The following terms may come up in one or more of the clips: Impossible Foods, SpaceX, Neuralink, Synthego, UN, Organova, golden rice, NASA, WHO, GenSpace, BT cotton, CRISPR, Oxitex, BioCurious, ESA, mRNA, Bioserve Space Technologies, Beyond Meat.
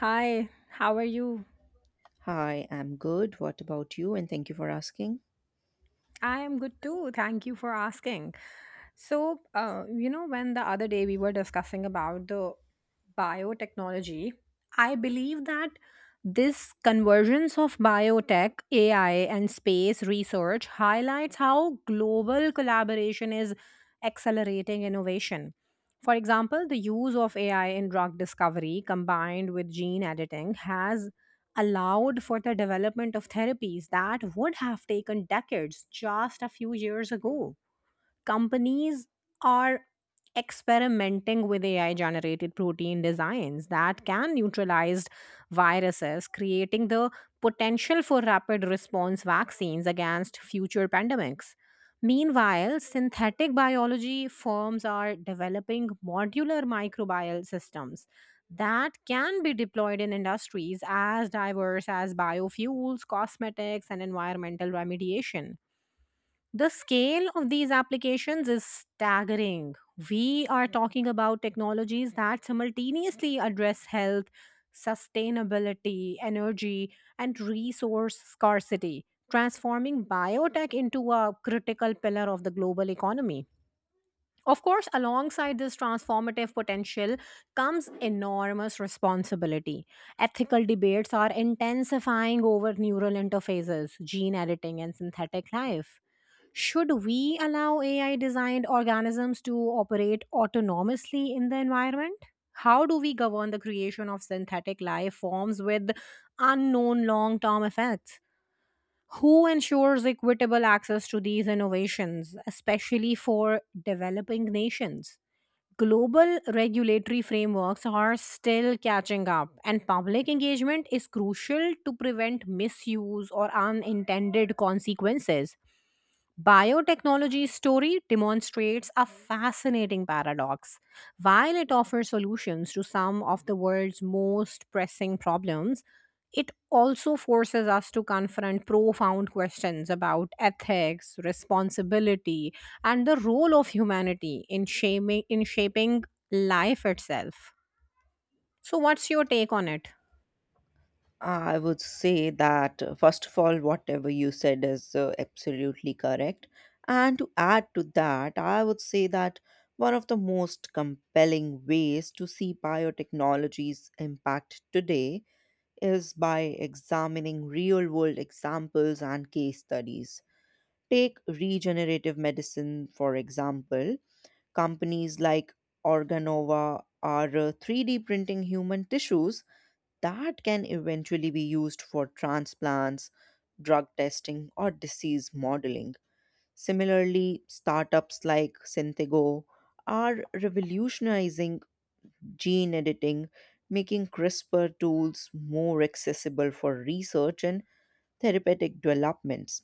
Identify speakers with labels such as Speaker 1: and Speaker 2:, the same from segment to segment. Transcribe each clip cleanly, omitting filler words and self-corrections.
Speaker 1: Hi, how are you?
Speaker 2: Hi, I'm good. What about you? And thank you for asking.
Speaker 1: I am good too. Thank you for asking. When the other day we were discussing about the biotechnology, I believe that this convergence of biotech, AI, and space research highlights how global collaboration is accelerating innovation. For example, the use of AI in drug discovery combined with gene editing has allowed for the development of therapies that would have taken decades just a few years ago. Companies are experimenting with AI generated protein designs that can neutralize viruses, creating the potential for rapid response vaccines against future pandemics. Meanwhile, synthetic biology firms are developing modular microbial systems that can be deployed in industries as diverse as biofuels, cosmetics, and environmental remediation. The scale of these applications is staggering. We are talking about technologies that simultaneously address health, sustainability, energy, and resource scarcity, transforming biotech into a critical pillar of the global economy. Of course, alongside this transformative potential comes enormous responsibility. Ethical debates are intensifying over neural interfaces, gene editing, and synthetic life. Should we allow AI designed organisms to operate autonomously in the environment? How do we govern the creation of synthetic life forms with unknown long term effects? Who ensures equitable access to these innovations, especially for developing nations? Global regulatory frameworks are still catching up, and public engagement is crucial to prevent misuse or unintended consequences. Biotechnology's story demonstrates a fascinating paradox. While it offers solutions to some of the world's most pressing problems, it also forces us to confront profound questions about ethics, responsibility, and the role of humanity in shaping life itself. So, what's your take on it?
Speaker 2: I would say that, first of all, whatever you said is absolutely correct. And to add to that, I would say that one of the most compelling ways to see biotechnology's impact today is by examining real world examples and case studies. Take regenerative medicine, for example. Companies like Organova are 3D printing human tissues that can eventually be used for transplants, drug testing, or disease modeling. Similarly, startups like Synthego are revolutionizing gene editing, making CRISPR tools more accessible for research and therapeutic developments.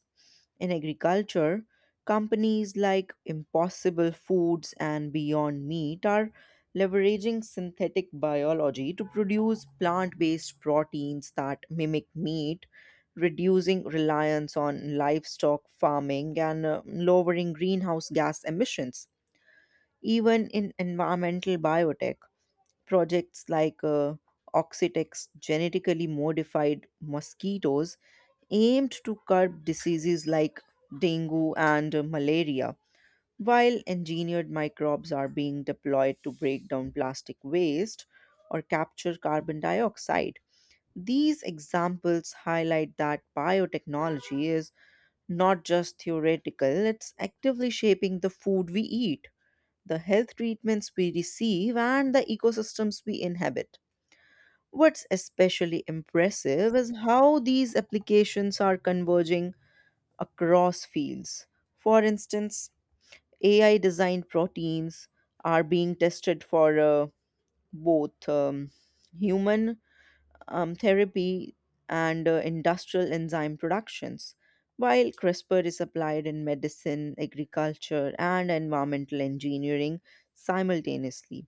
Speaker 2: In agriculture, companies like Impossible Foods and Beyond Meat are leveraging synthetic biology to produce plant based proteins that mimic meat, reducing reliance on livestock farming and lowering greenhouse gas emissions. Even in environmental biotech, projects like Oxitex genetically modified mosquitoes aimed to curb diseases like dengue and malaria, while engineered microbes are being deployed to break down plastic waste or capture carbon dioxide. These examples highlight that biotechnology is not just theoretical, it's actively shaping the food we eat, the health treatments we receive, and the ecosystems we inhabit. What's especially impressive is how these applications are converging across fields. For instance, AI designed proteins are being tested for both human therapy and industrial enzyme productions, while CRISPR is applied in medicine, agriculture, and environmental engineering simultaneously.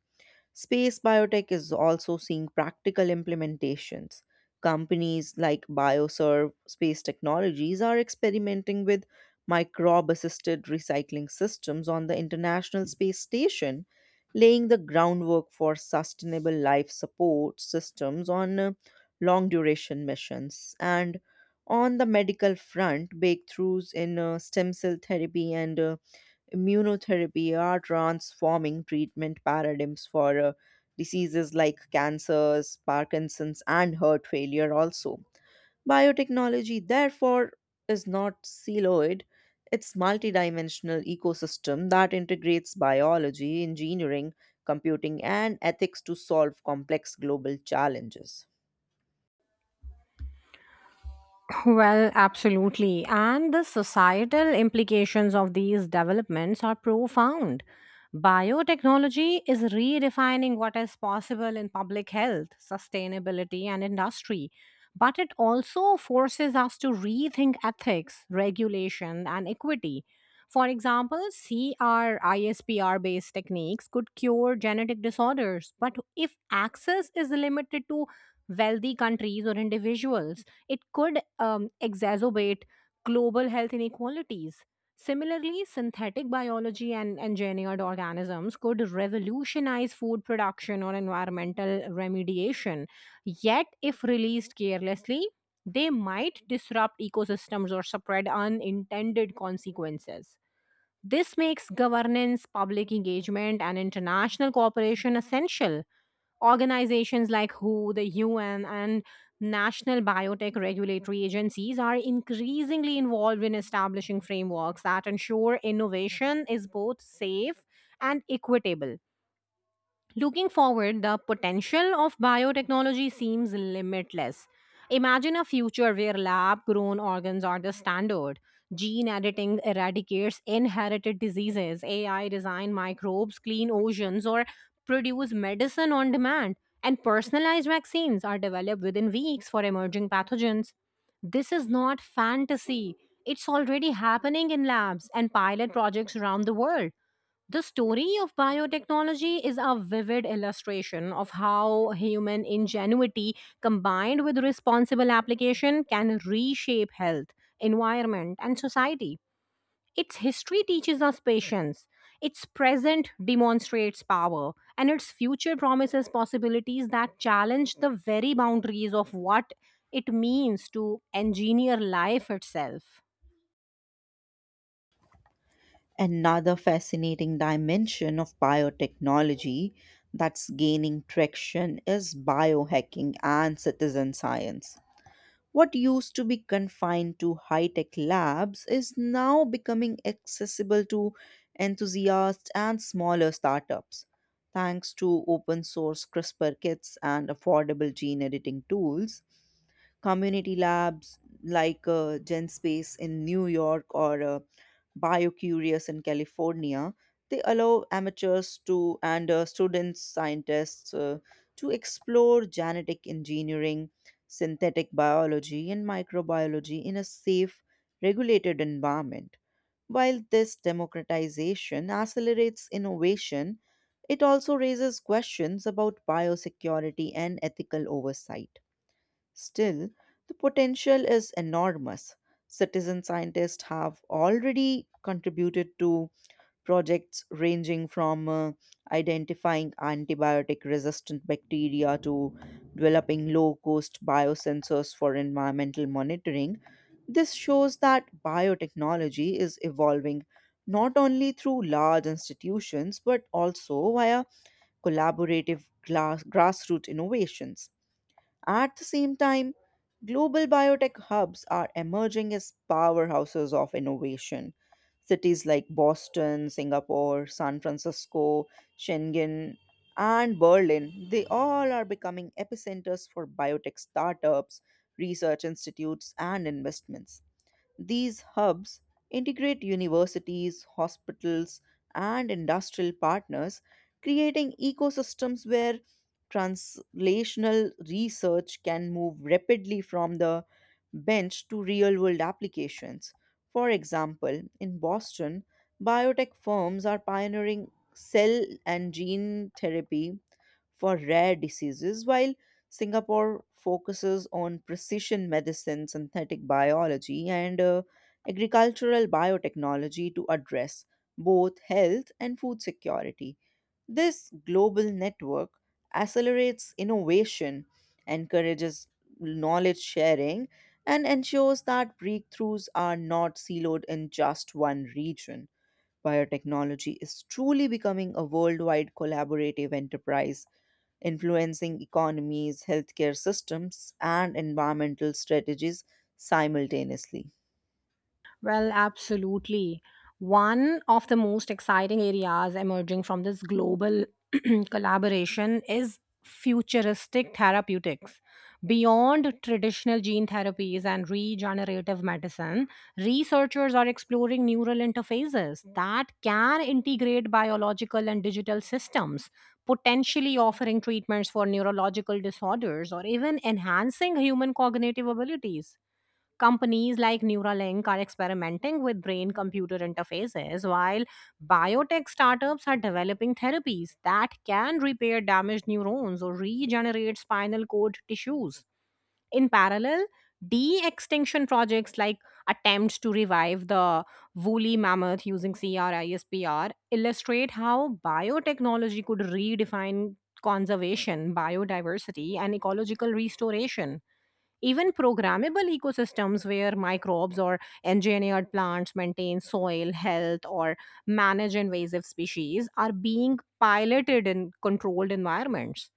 Speaker 2: Space biotech is also seeing practical implementations. Companies like Bioserve Space Technologies are experimenting with microbe assisted recycling systems on the International Space Station, laying the groundwork for sustainable life support systems on long duration missions. And on the medical front, breakthroughs in stem cell therapy and immunotherapy are transforming treatment paradigms for diseases like cancers, Parkinson's, and heart failure also. Biotechnology, therefore, is not siloed. It's multidimensional ecosystem that integrates biology, engineering, computing, and ethics to solve complex global challenges.
Speaker 1: Well, absolutely. And the societal implications of these developments are profound. Biotechnology is redefining what is possible in public health, sustainability, and industry. But it also forces us to rethink ethics, regulation, and equity. For example, CRISPR based techniques could cure genetic disorders, but if access is limited to wealthy countries or individuals, it could exacerbate global health inequalities. Similarly, synthetic biology and engineered organisms could revolutionize food production or environmental remediation. Yet, if released carelessly, they might disrupt ecosystems or spread unintended consequences. This makes governance, public engagement, and international cooperation essential. Organizations like WHO, the UN, and national biotech regulatory agencies are increasingly involved in establishing frameworks that ensure innovation is both safe and equitable. Looking forward, the potential of biotechnology seems limitless. Imagine a future where lab grown organs are the standard. Gene editing eradicates inherited diseases, AI design microbes, clean oceans, or produce medicine on demand. And personalized vaccines are developed within weeks for emerging pathogens. This is not fantasy. It's already happening in labs and pilot projects around the world. The story of biotechnology is a vivid illustration of how human ingenuity combined with responsible application can reshape health, environment, and society. Its history teaches us patience, its present demonstrates power, and its future promises possibilities that challenge the very boundaries of what it means to engineer life itself.
Speaker 2: Another fascinating dimension of biotechnology that's gaining traction is biohacking and citizen science. What used to be confined to high tech labs is now becoming accessible to enthusiasts and smaller startups. Thanks to open source CRISPR kits and affordable gene editing tools, community labs like GenSpace in New York or BioCurious in California. They allow amateurs to and students, scientists to explore genetic engineering, synthetic biology, and microbiology in a safe, regulated environment. While this democratization accelerates innovation, it also raises questions about biosecurity and ethical oversight. Still, the potential is enormous. Citizen scientists have already contributed to projects ranging from identifying antibiotic resistant bacteria to developing low cost biosensors for environmental monitoring. This shows that biotechnology is evolving not only through large institutions but also via collaborative grassroots innovations. At the same time, global biotech hubs are emerging as powerhouses of innovation. Cities like Boston, Singapore, San Francisco, Shenzhen, and Berlin, they all are becoming epicenters for biotech startups, research institutes, and investments. These hubs integrate universities, hospitals, and industrial partners, creating ecosystems where translational research can move rapidly from the bench to real world applications. For example, in Boston, biotech firms are pioneering cell and gene therapy for rare diseases, while Singapore focuses on precision medicine, synthetic biology, and agricultural biotechnology to address both health and food security. This global network accelerates innovation, encourages knowledge sharing, and ensures that breakthroughs are not siloed in just one region. Biotechnology is truly becoming a worldwide collaborative enterprise influencing economies, healthcare systems, and environmental strategies simultaneously.
Speaker 1: Well, absolutely. One of the most exciting areas emerging from this global collaboration is futuristic therapeutics. Beyond traditional gene therapies and regenerative medicine, researchers are exploring neural interfaces that can integrate biological and digital systems, potentially offering treatments for neurological disorders or even enhancing human cognitive abilities. Companies like Neuralink are experimenting with brain computer interfaces, while biotech startups are developing therapies that can repair damaged neurons or regenerate spinal cord tissues. In parallel, de extinction projects like attempts to revive the woolly mammoth using CRISPR illustrate how biotechnology could redefine conservation, biodiversity, and ecological restoration. Even programmable ecosystems where microbes or engineered plants maintain soil health or manage invasive species are being piloted in controlled environments.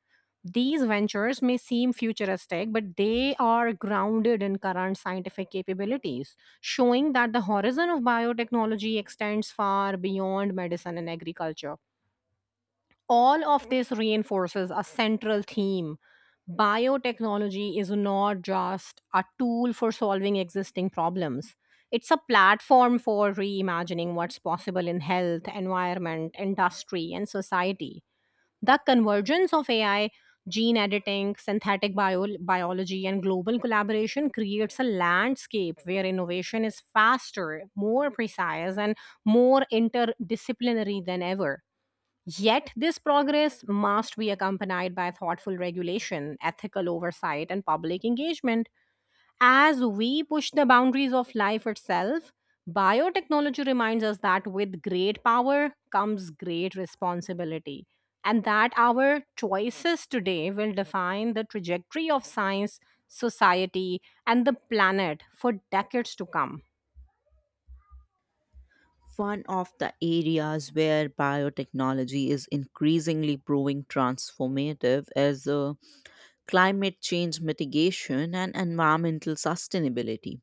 Speaker 1: These ventures may seem futuristic, but they are grounded in current scientific capabilities, showing that the horizon of biotechnology extends far beyond medicine and agriculture. All of this reinforces a central theme. Biotechnology is not just a tool for solving existing problems, it's a platform for reimagining what's possible in health, environment, industry, and society. The convergence of AI, gene editing, biology, and global collaboration creates a landscape where innovation is faster, more precise, and more interdisciplinary than ever. Yet, this progress must be accompanied by thoughtful regulation, ethical oversight, and public engagement. As we push the boundaries of life itself, biotechnology reminds us that with great power comes great responsibility, and that our choices today will define the trajectory of science, society, and the planet for decades to come.
Speaker 2: One of the areas where biotechnology is increasingly proving transformative is climate change mitigation and environmental sustainability.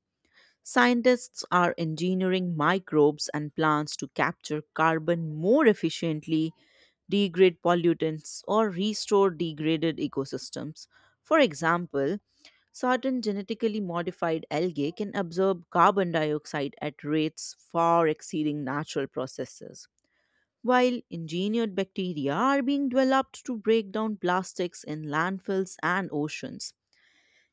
Speaker 2: Scientists are engineering microbes and plants to capture carbon more efficiently, degrade pollutants, or restore degraded ecosystems. For example, certain genetically modified algae can absorb carbon dioxide at rates far exceeding natural processes, while engineered bacteria are being developed to break down plastics in landfills and oceans.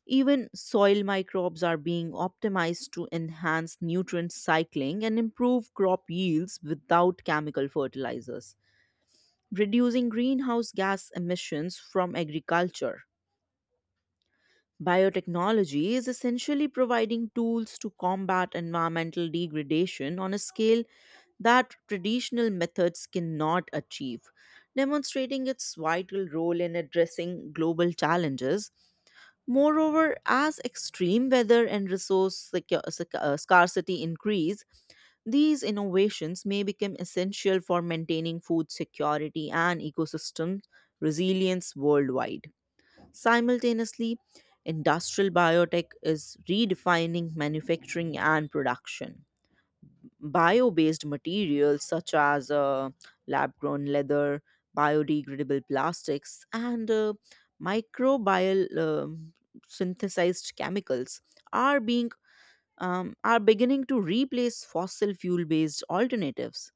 Speaker 2: Even soil microbes are being optimized to enhance nutrient cycling and improve crop yields without chemical fertilizers, reducing greenhouse gas emissions from agriculture. Biotechnology is essentially providing tools to combat environmental degradation on a scale that traditional methods cannot achieve, demonstrating its vital role in addressing global challenges. Moreover, as extreme weather and resource scarcity increase, these innovations may become essential for maintaining food security and ecosystem resilience worldwide. Simultaneously, industrial biotech is redefining manufacturing and production. Bio based materials such as lab grown leather, biodegradable plastics, and microbial synthesized chemicals are being are beginning to replace fossil fuel based alternatives.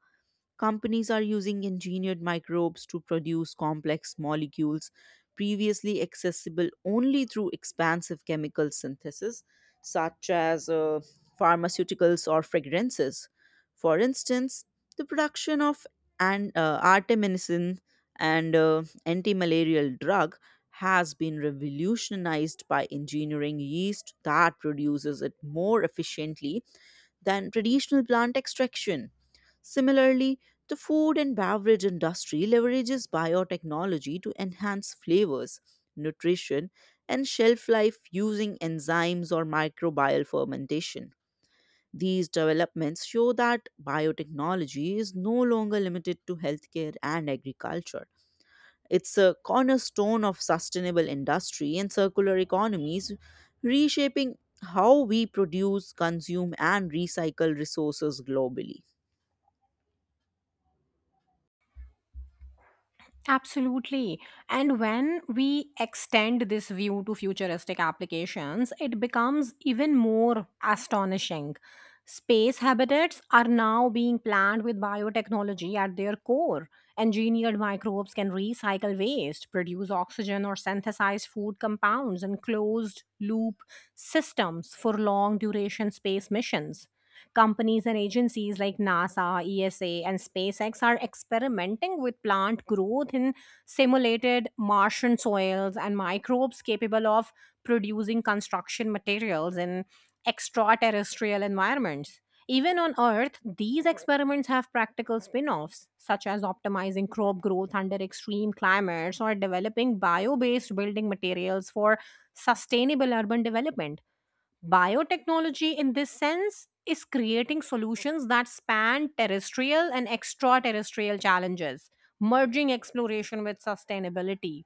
Speaker 2: Companies are using engineered microbes to produce complex molecules previously accessible only through expansive chemical synthesis, such as pharmaceuticals or fragrances. For instance, the production of artemisinin and anti-malarial drug has been revolutionized by engineering yeast that produces it more efficiently than traditional plant extraction. Similarly, the food and beverage industry leverages biotechnology to enhance flavors, nutrition, and shelf life using enzymes or microbial fermentation. These developments show that biotechnology is no longer limited to healthcare and agriculture. It's a cornerstone of sustainable industry and circular economies, reshaping how we produce, consume, and recycle resources globally.
Speaker 1: Absolutely. And when we extend this view to futuristic applications, it becomes even more astonishing. Space habitats are now being planned with biotechnology at their core. Engineered microbes can recycle waste, produce oxygen, or synthesize food compounds in closed loop systems for long duration space missions. Companies and agencies like NASA, ESA, and SpaceX are experimenting with plant growth in simulated Martian soils and microbes capable of producing construction materials in extraterrestrial environments. Even on Earth, these experiments have practical spin offs, such as optimizing crop growth under extreme climates or developing bio based building materials for sustainable urban development. Biotechnology, in this sense, is creating solutions that span terrestrial and extraterrestrial challenges, merging exploration with sustainability.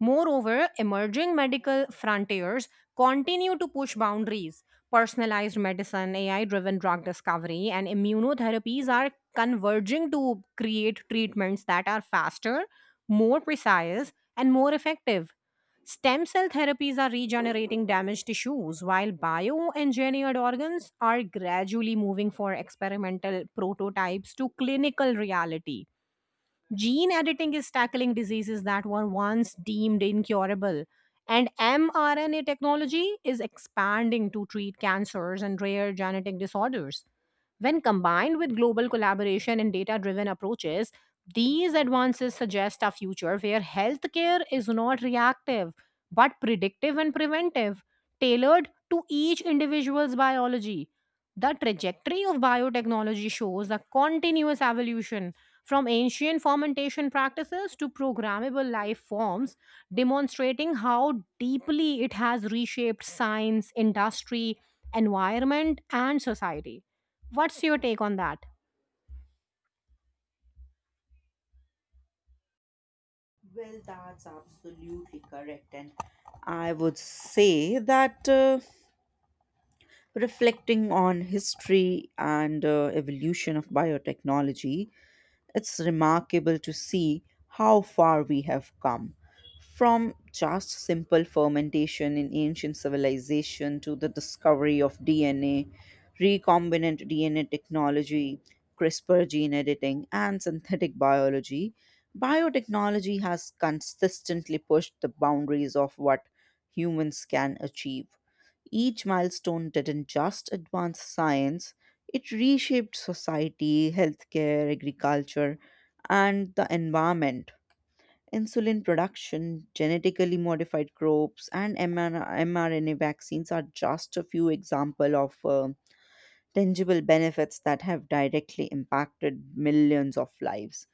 Speaker 1: Moreover, emerging medical frontiers continue to push boundaries. Personalized medicine, AI driven drug discovery, and immunotherapies are converging to create treatments that are faster, more precise, and more effective. Stem cell therapies are regenerating damaged tissues, while bioengineered organs are gradually moving from experimental prototypes to clinical reality. Gene editing is tackling diseases that were once deemed incurable. And mRNA technology is expanding to treat cancers and rare genetic disorders. When combined with global collaboration and data driven approaches, these advances suggest a future where healthcare is not reactive, but predictive and preventive, tailored to each individual's biology. The trajectory of biotechnology shows a continuous evolution from ancient fermentation practices to programmable life forms, demonstrating how deeply it has reshaped science, industry, environment, and society. What's your take on that?
Speaker 2: Well, that's absolutely correct. And I would say that reflecting on history and evolution of biotechnology, it's remarkable to see how far we have come from just simple fermentation in ancient civilization to the discovery of DNA, recombinant DNA technology, CRISPR gene editing, and synthetic biology. Biotechnology has consistently pushed the boundaries of what humans can achieve. Each milestone didn't just advance science, it reshaped society, healthcare, agriculture, and the environment. Insulin production, genetically modified crops, and mRNA vaccines are just a few examples of tangible benefits that have directly impacted millions of lives.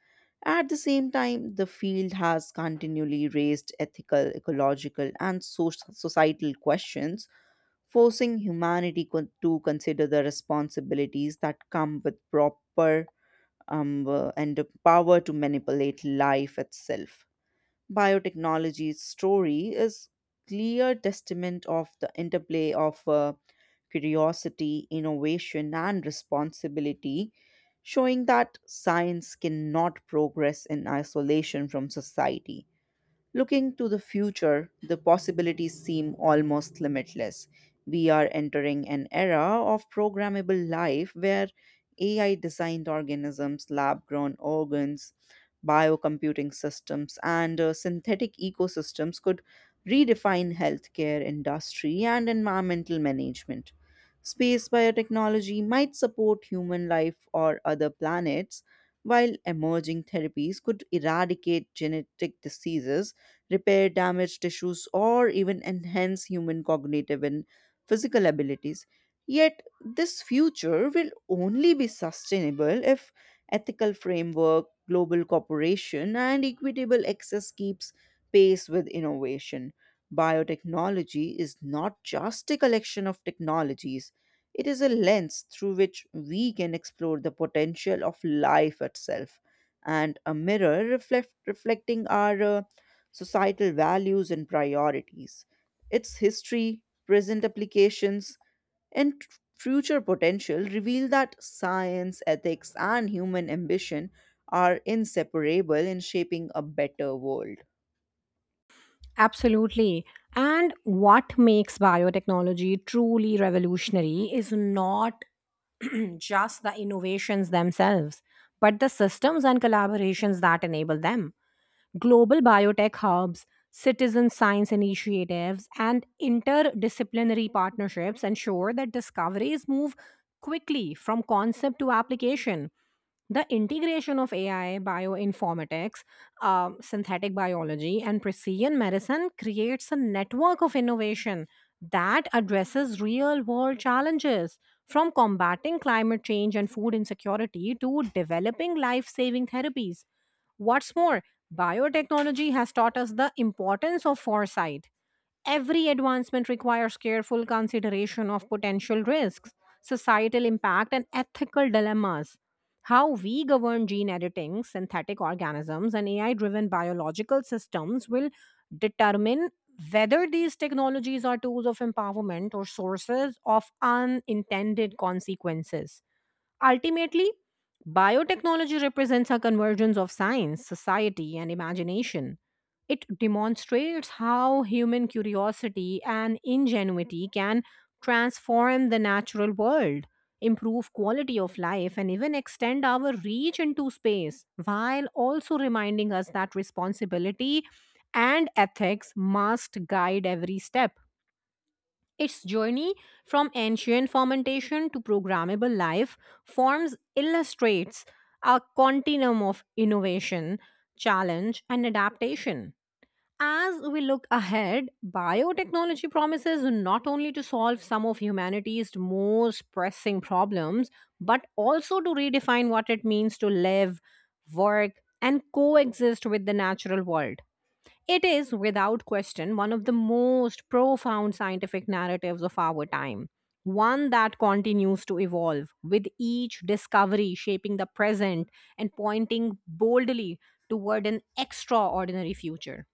Speaker 2: At the same time, the field has continually raised ethical, ecological, and societal questions, forcing humanity to consider the responsibilities that come with proper and the power to manipulate life itself. Biotechnology's story is clear testament of the interplay of curiosity, innovation, and responsibility, showing that science cannot progress in isolation from society. Looking to the future, the possibilities seem almost limitless. We are entering an era of programmable life where AI designed organisms, lab grown organs, biocomputing systems, and synthetic ecosystems could redefine healthcare industry and environmental management. Space biotechnology might support human life or other planets, while emerging therapies could eradicate genetic diseases, repair damaged tissues, or even enhance human cognitive and physical abilities. Yet, this future will only be sustainable if ethical framework, global cooperation, and equitable access keeps pace with innovation. Biotechnology is not just a collection of technologies. It is a lens through which we can explore the potential of life itself and a mirror reflecting our societal values and priorities, its history, present applications, and future potential reveal that science, ethics, and human ambition are inseparable in shaping a better world.
Speaker 1: Absolutely. And what makes biotechnology truly revolutionary is not just the innovations themselves, but the systems and collaborations that enable them. Global biotech hubs, citizen science initiatives, and interdisciplinary partnerships ensure that discoveries move quickly from concept to application. The integration of AI, bioinformatics, synthetic biology, and precision medicine creates a network of innovation that addresses real world challenges from combating climate change and food insecurity to developing life saving therapies. What's more, biotechnology has taught us the importance of foresight. Every advancement requires careful consideration of potential risks, societal impact, and ethical dilemmas. How we govern gene editing, synthetic organisms, and AI driven biological systems will determine whether these technologies are tools of empowerment or sources of unintended consequences. Ultimately, biotechnology represents a convergence of science, society, and imagination. It demonstrates how human curiosity and ingenuity can transform the natural world, improve quality of life, and even extend our reach into space, while also reminding us that responsibility and ethics must guide every step. Its journey from ancient fermentation to programmable life forms illustrates a continuum of innovation, challenge, and adaptation. As we look ahead, biotechnology promises not only to solve some of humanity's most pressing problems, but also to redefine what it means to live, work, and coexist with the natural world. It is, without question, one of the most profound scientific narratives of our time, one that continues to evolve, with each discovery shaping the present and pointing boldly toward an extraordinary future.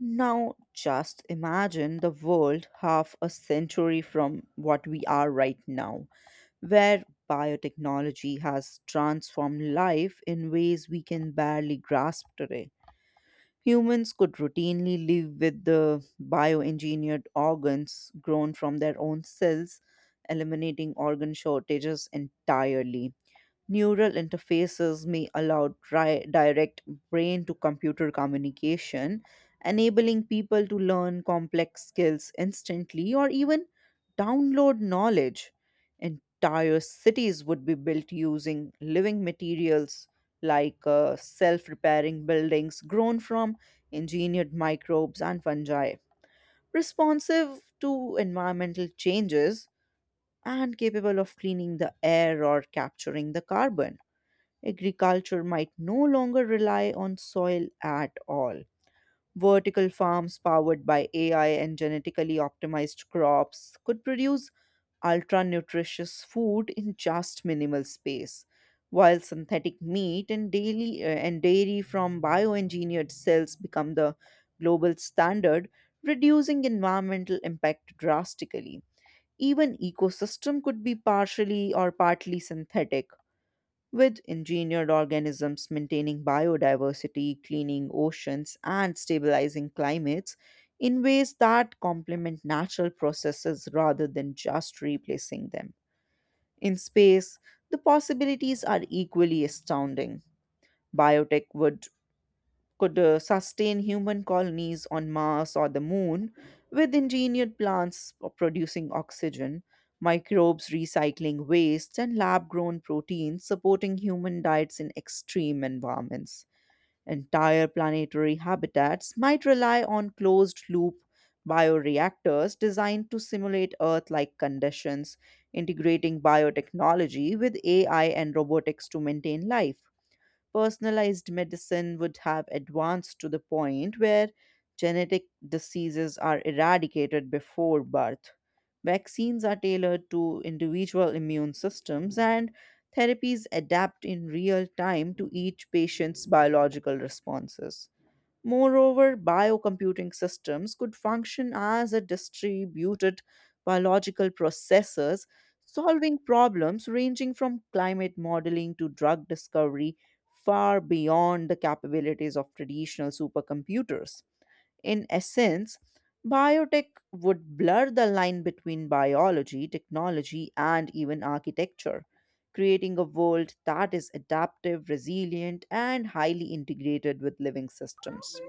Speaker 2: Now, just imagine the world half a century from what we are right now, where biotechnology has transformed life in ways we can barely grasp today. Humans could routinely live with the bioengineered organs grown from their own cells, eliminating organ shortages entirely. Neural interfaces may allow direct brain to computer communication, enabling people to learn complex skills instantly or even download knowledge. Entire cities would be built using living materials like self repairing buildings grown from engineered microbes and fungi, responsive to environmental changes and capable of cleaning the air or capturing the carbon. Agriculture might no longer rely on soil at all. Vertical farms powered by AI and genetically optimized crops could produce ultra nutritious food in just minimal space, while synthetic meat and daily and dairy from bioengineered cells become the global standard, reducing environmental impact drastically. Even ecosystem could be partially or partly synthetic, with engineered organisms maintaining biodiversity, cleaning oceans, and stabilizing climates in ways that complement natural processes rather than just replacing them. In space, the possibilities are equally astounding. Biotech would could sustain human colonies on Mars or the moon, with engineered plants producing oxygen, microbes recycling waste, and lab grown proteins supporting human diets in extreme environments. Entire planetary habitats might rely on closed loop bioreactors designed to simulate Earth like conditions, integrating biotechnology with AI and robotics to maintain life. Personalized medicine would have advanced to the point where genetic diseases are eradicated before birth. Vaccines are tailored to individual immune systems, and therapies adapt in real time to each patient's biological responses. Moreover, biocomputing systems could function as a distributed biological processors, solving problems ranging from climate modeling to drug discovery, far beyond the capabilities of traditional supercomputers. In essence, biotech would blur the line between biology, technology, and even architecture, creating a world that is adaptive, resilient, and highly integrated with living systems.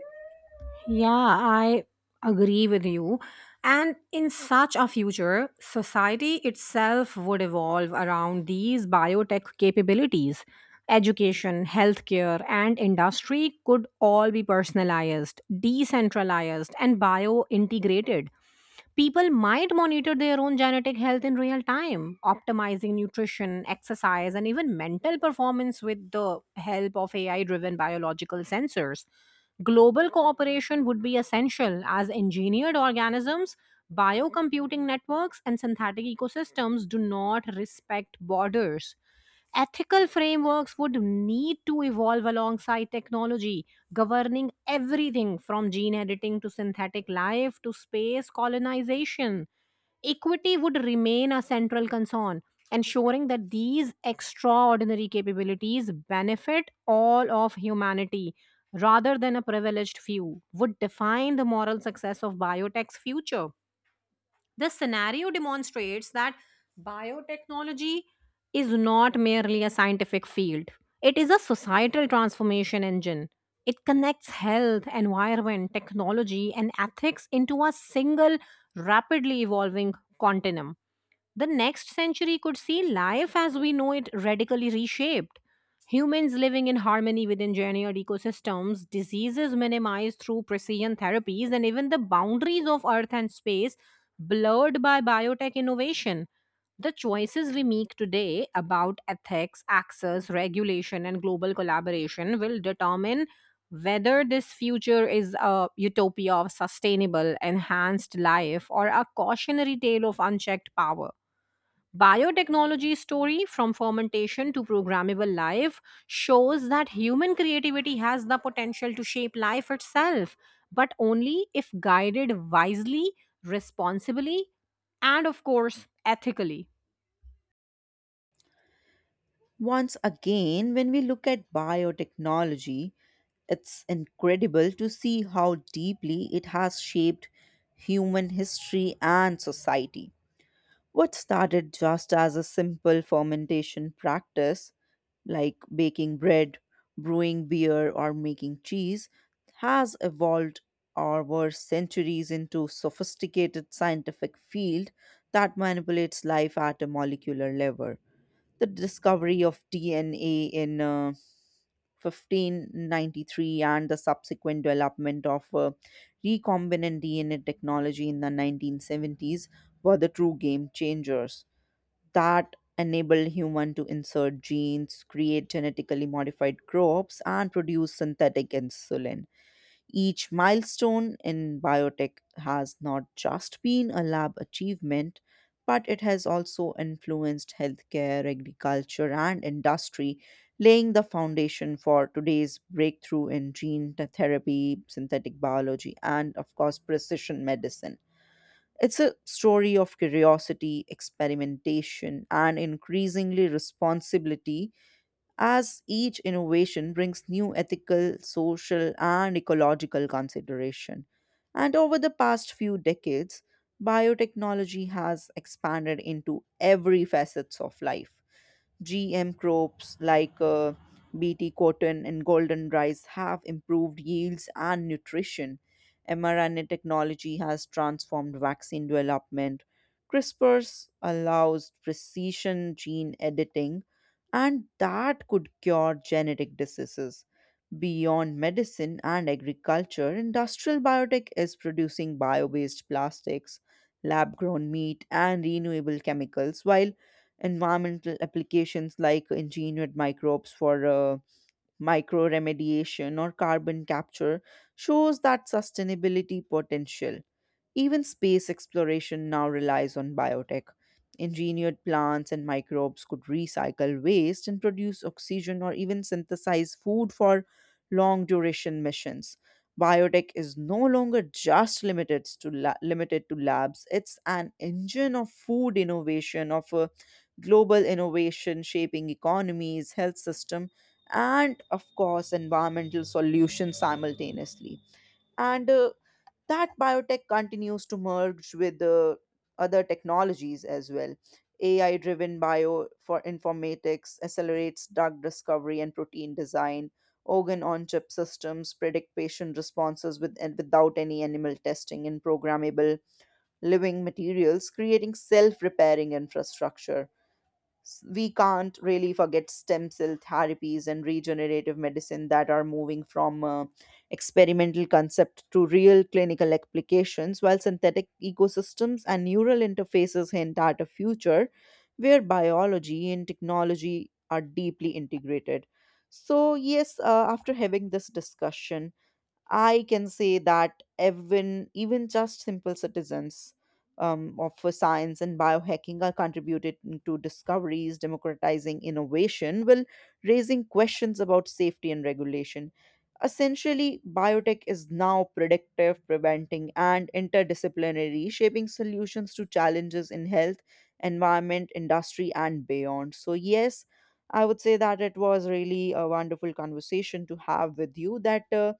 Speaker 1: Yeah, I agree with you. And in such a future, society itself would evolve around these biotech capabilities. Education, healthcare, and industry could all be personalized, decentralized, and bio integrated. People might monitor their own genetic health in real time, optimizing nutrition, exercise, and even mental performance with the help of AI driven biological sensors. Global cooperation would be essential as engineered organisms, biocomputing networks, and synthetic ecosystems do not respect borders. Ethical frameworks would need to evolve alongside technology, governing everything from gene editing to synthetic life to space colonization. Equity would remain a central concern, ensuring that these extraordinary capabilities benefit all of humanity rather than a privileged few, would define the moral success of biotech's future. The scenario demonstrates that biotechnology is not merely a scientific field, it is a societal transformation engine. It connects health, environment, technology, and ethics into a single, rapidly evolving continuum. The next century could see life as we know it radically reshaped. Humans living in harmony with engineered ecosystems, diseases minimized through precision therapies, and even the boundaries of Earth and space blurred by biotech innovation. The choices we make today about ethics, access, regulation, and global collaboration will determine whether this future is a utopia of sustainable, enhanced life or a cautionary tale of unchecked power. Biotechnology story from fermentation to programmable life shows that human creativity has the potential to shape life itself, but only if guided wisely, responsibly, and of course, ethically.
Speaker 2: Once again, when we look at biotechnology, it's incredible to see how deeply it has shaped human history and society. What started just as a simple fermentation practice, like baking bread, brewing beer, or making cheese, has evolved over centuries into sophisticated scientific field that manipulates life at a molecular level. The discovery of DNA in 1593 and the subsequent development of recombinant DNA technology in the 1970s were the true game changers that enabled human to insert genes, create genetically modified crops and produce synthetic insulin. Each milestone in biotech has not just been a lab achievement, but it has also influenced healthcare, agriculture, and industry, laying the foundation for today's breakthrough in gene therapy, synthetic biology, and, of course, precision medicine. It's a story of curiosity, experimentation, and increasingly responsibility as each innovation brings new ethical, social, and ecological consideration. And over the past few decades, biotechnology has expanded into every facets of life. GM crops like BT cotton and golden rice have improved yields and nutrition. mRNA technology has transformed vaccine development. CRISPRs allows precision gene editing, and that could cure genetic diseases. Beyond medicine and agriculture, industrial biotech is producing bio based plastics, lab grown meat, and renewable chemicals, while environmental applications like engineered microbes for micro remediation or carbon capture shows that sustainability potential. Even space exploration now relies on biotech. Engineered plants and microbes could recycle waste and produce oxygen or even synthesize food for long duration missions. Biotech is no longer just limited to la- limited to labs. It's an engine of food innovation, of global innovation, shaping economies, health system, and of course, environmental solutions simultaneously. And that biotech continues to merge with the other technologies as well. AI driven bio for informatics accelerates drug discovery and protein design. Organ on chip systems predict patient responses with and without any animal testing in programmable living materials, creating self repairing infrastructure. We can't really forget stem cell therapies and regenerative medicine that are moving from experimental concept to real clinical applications, while synthetic ecosystems and neural interfaces hint at a future where biology and technology are deeply integrated. So yes, after having this discussion I can say that even just simple citizens of for science and biohacking are contributed to discoveries, democratizing innovation, while raising questions about safety and regulation. Essentially, biotech is now predictive, preventing, and interdisciplinary, shaping solutions to challenges in health, environment, industry, and beyond. So, yes, I would say that it was really a wonderful conversation to have with you that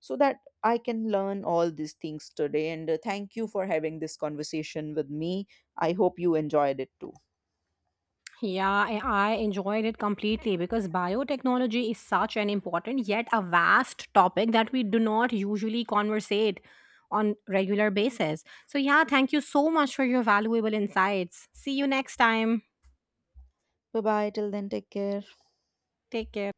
Speaker 2: so that I can learn all these things today. And thank you for having this conversation with me. I hope you enjoyed it too.
Speaker 1: Yeah, I enjoyed it completely because biotechnology is such an important yet a vast topic that we do not usually conversate on regular basis. So yeah, thank you so much for your valuable insights. See you next time.
Speaker 2: Bye bye. Till then, take care.
Speaker 1: Take care.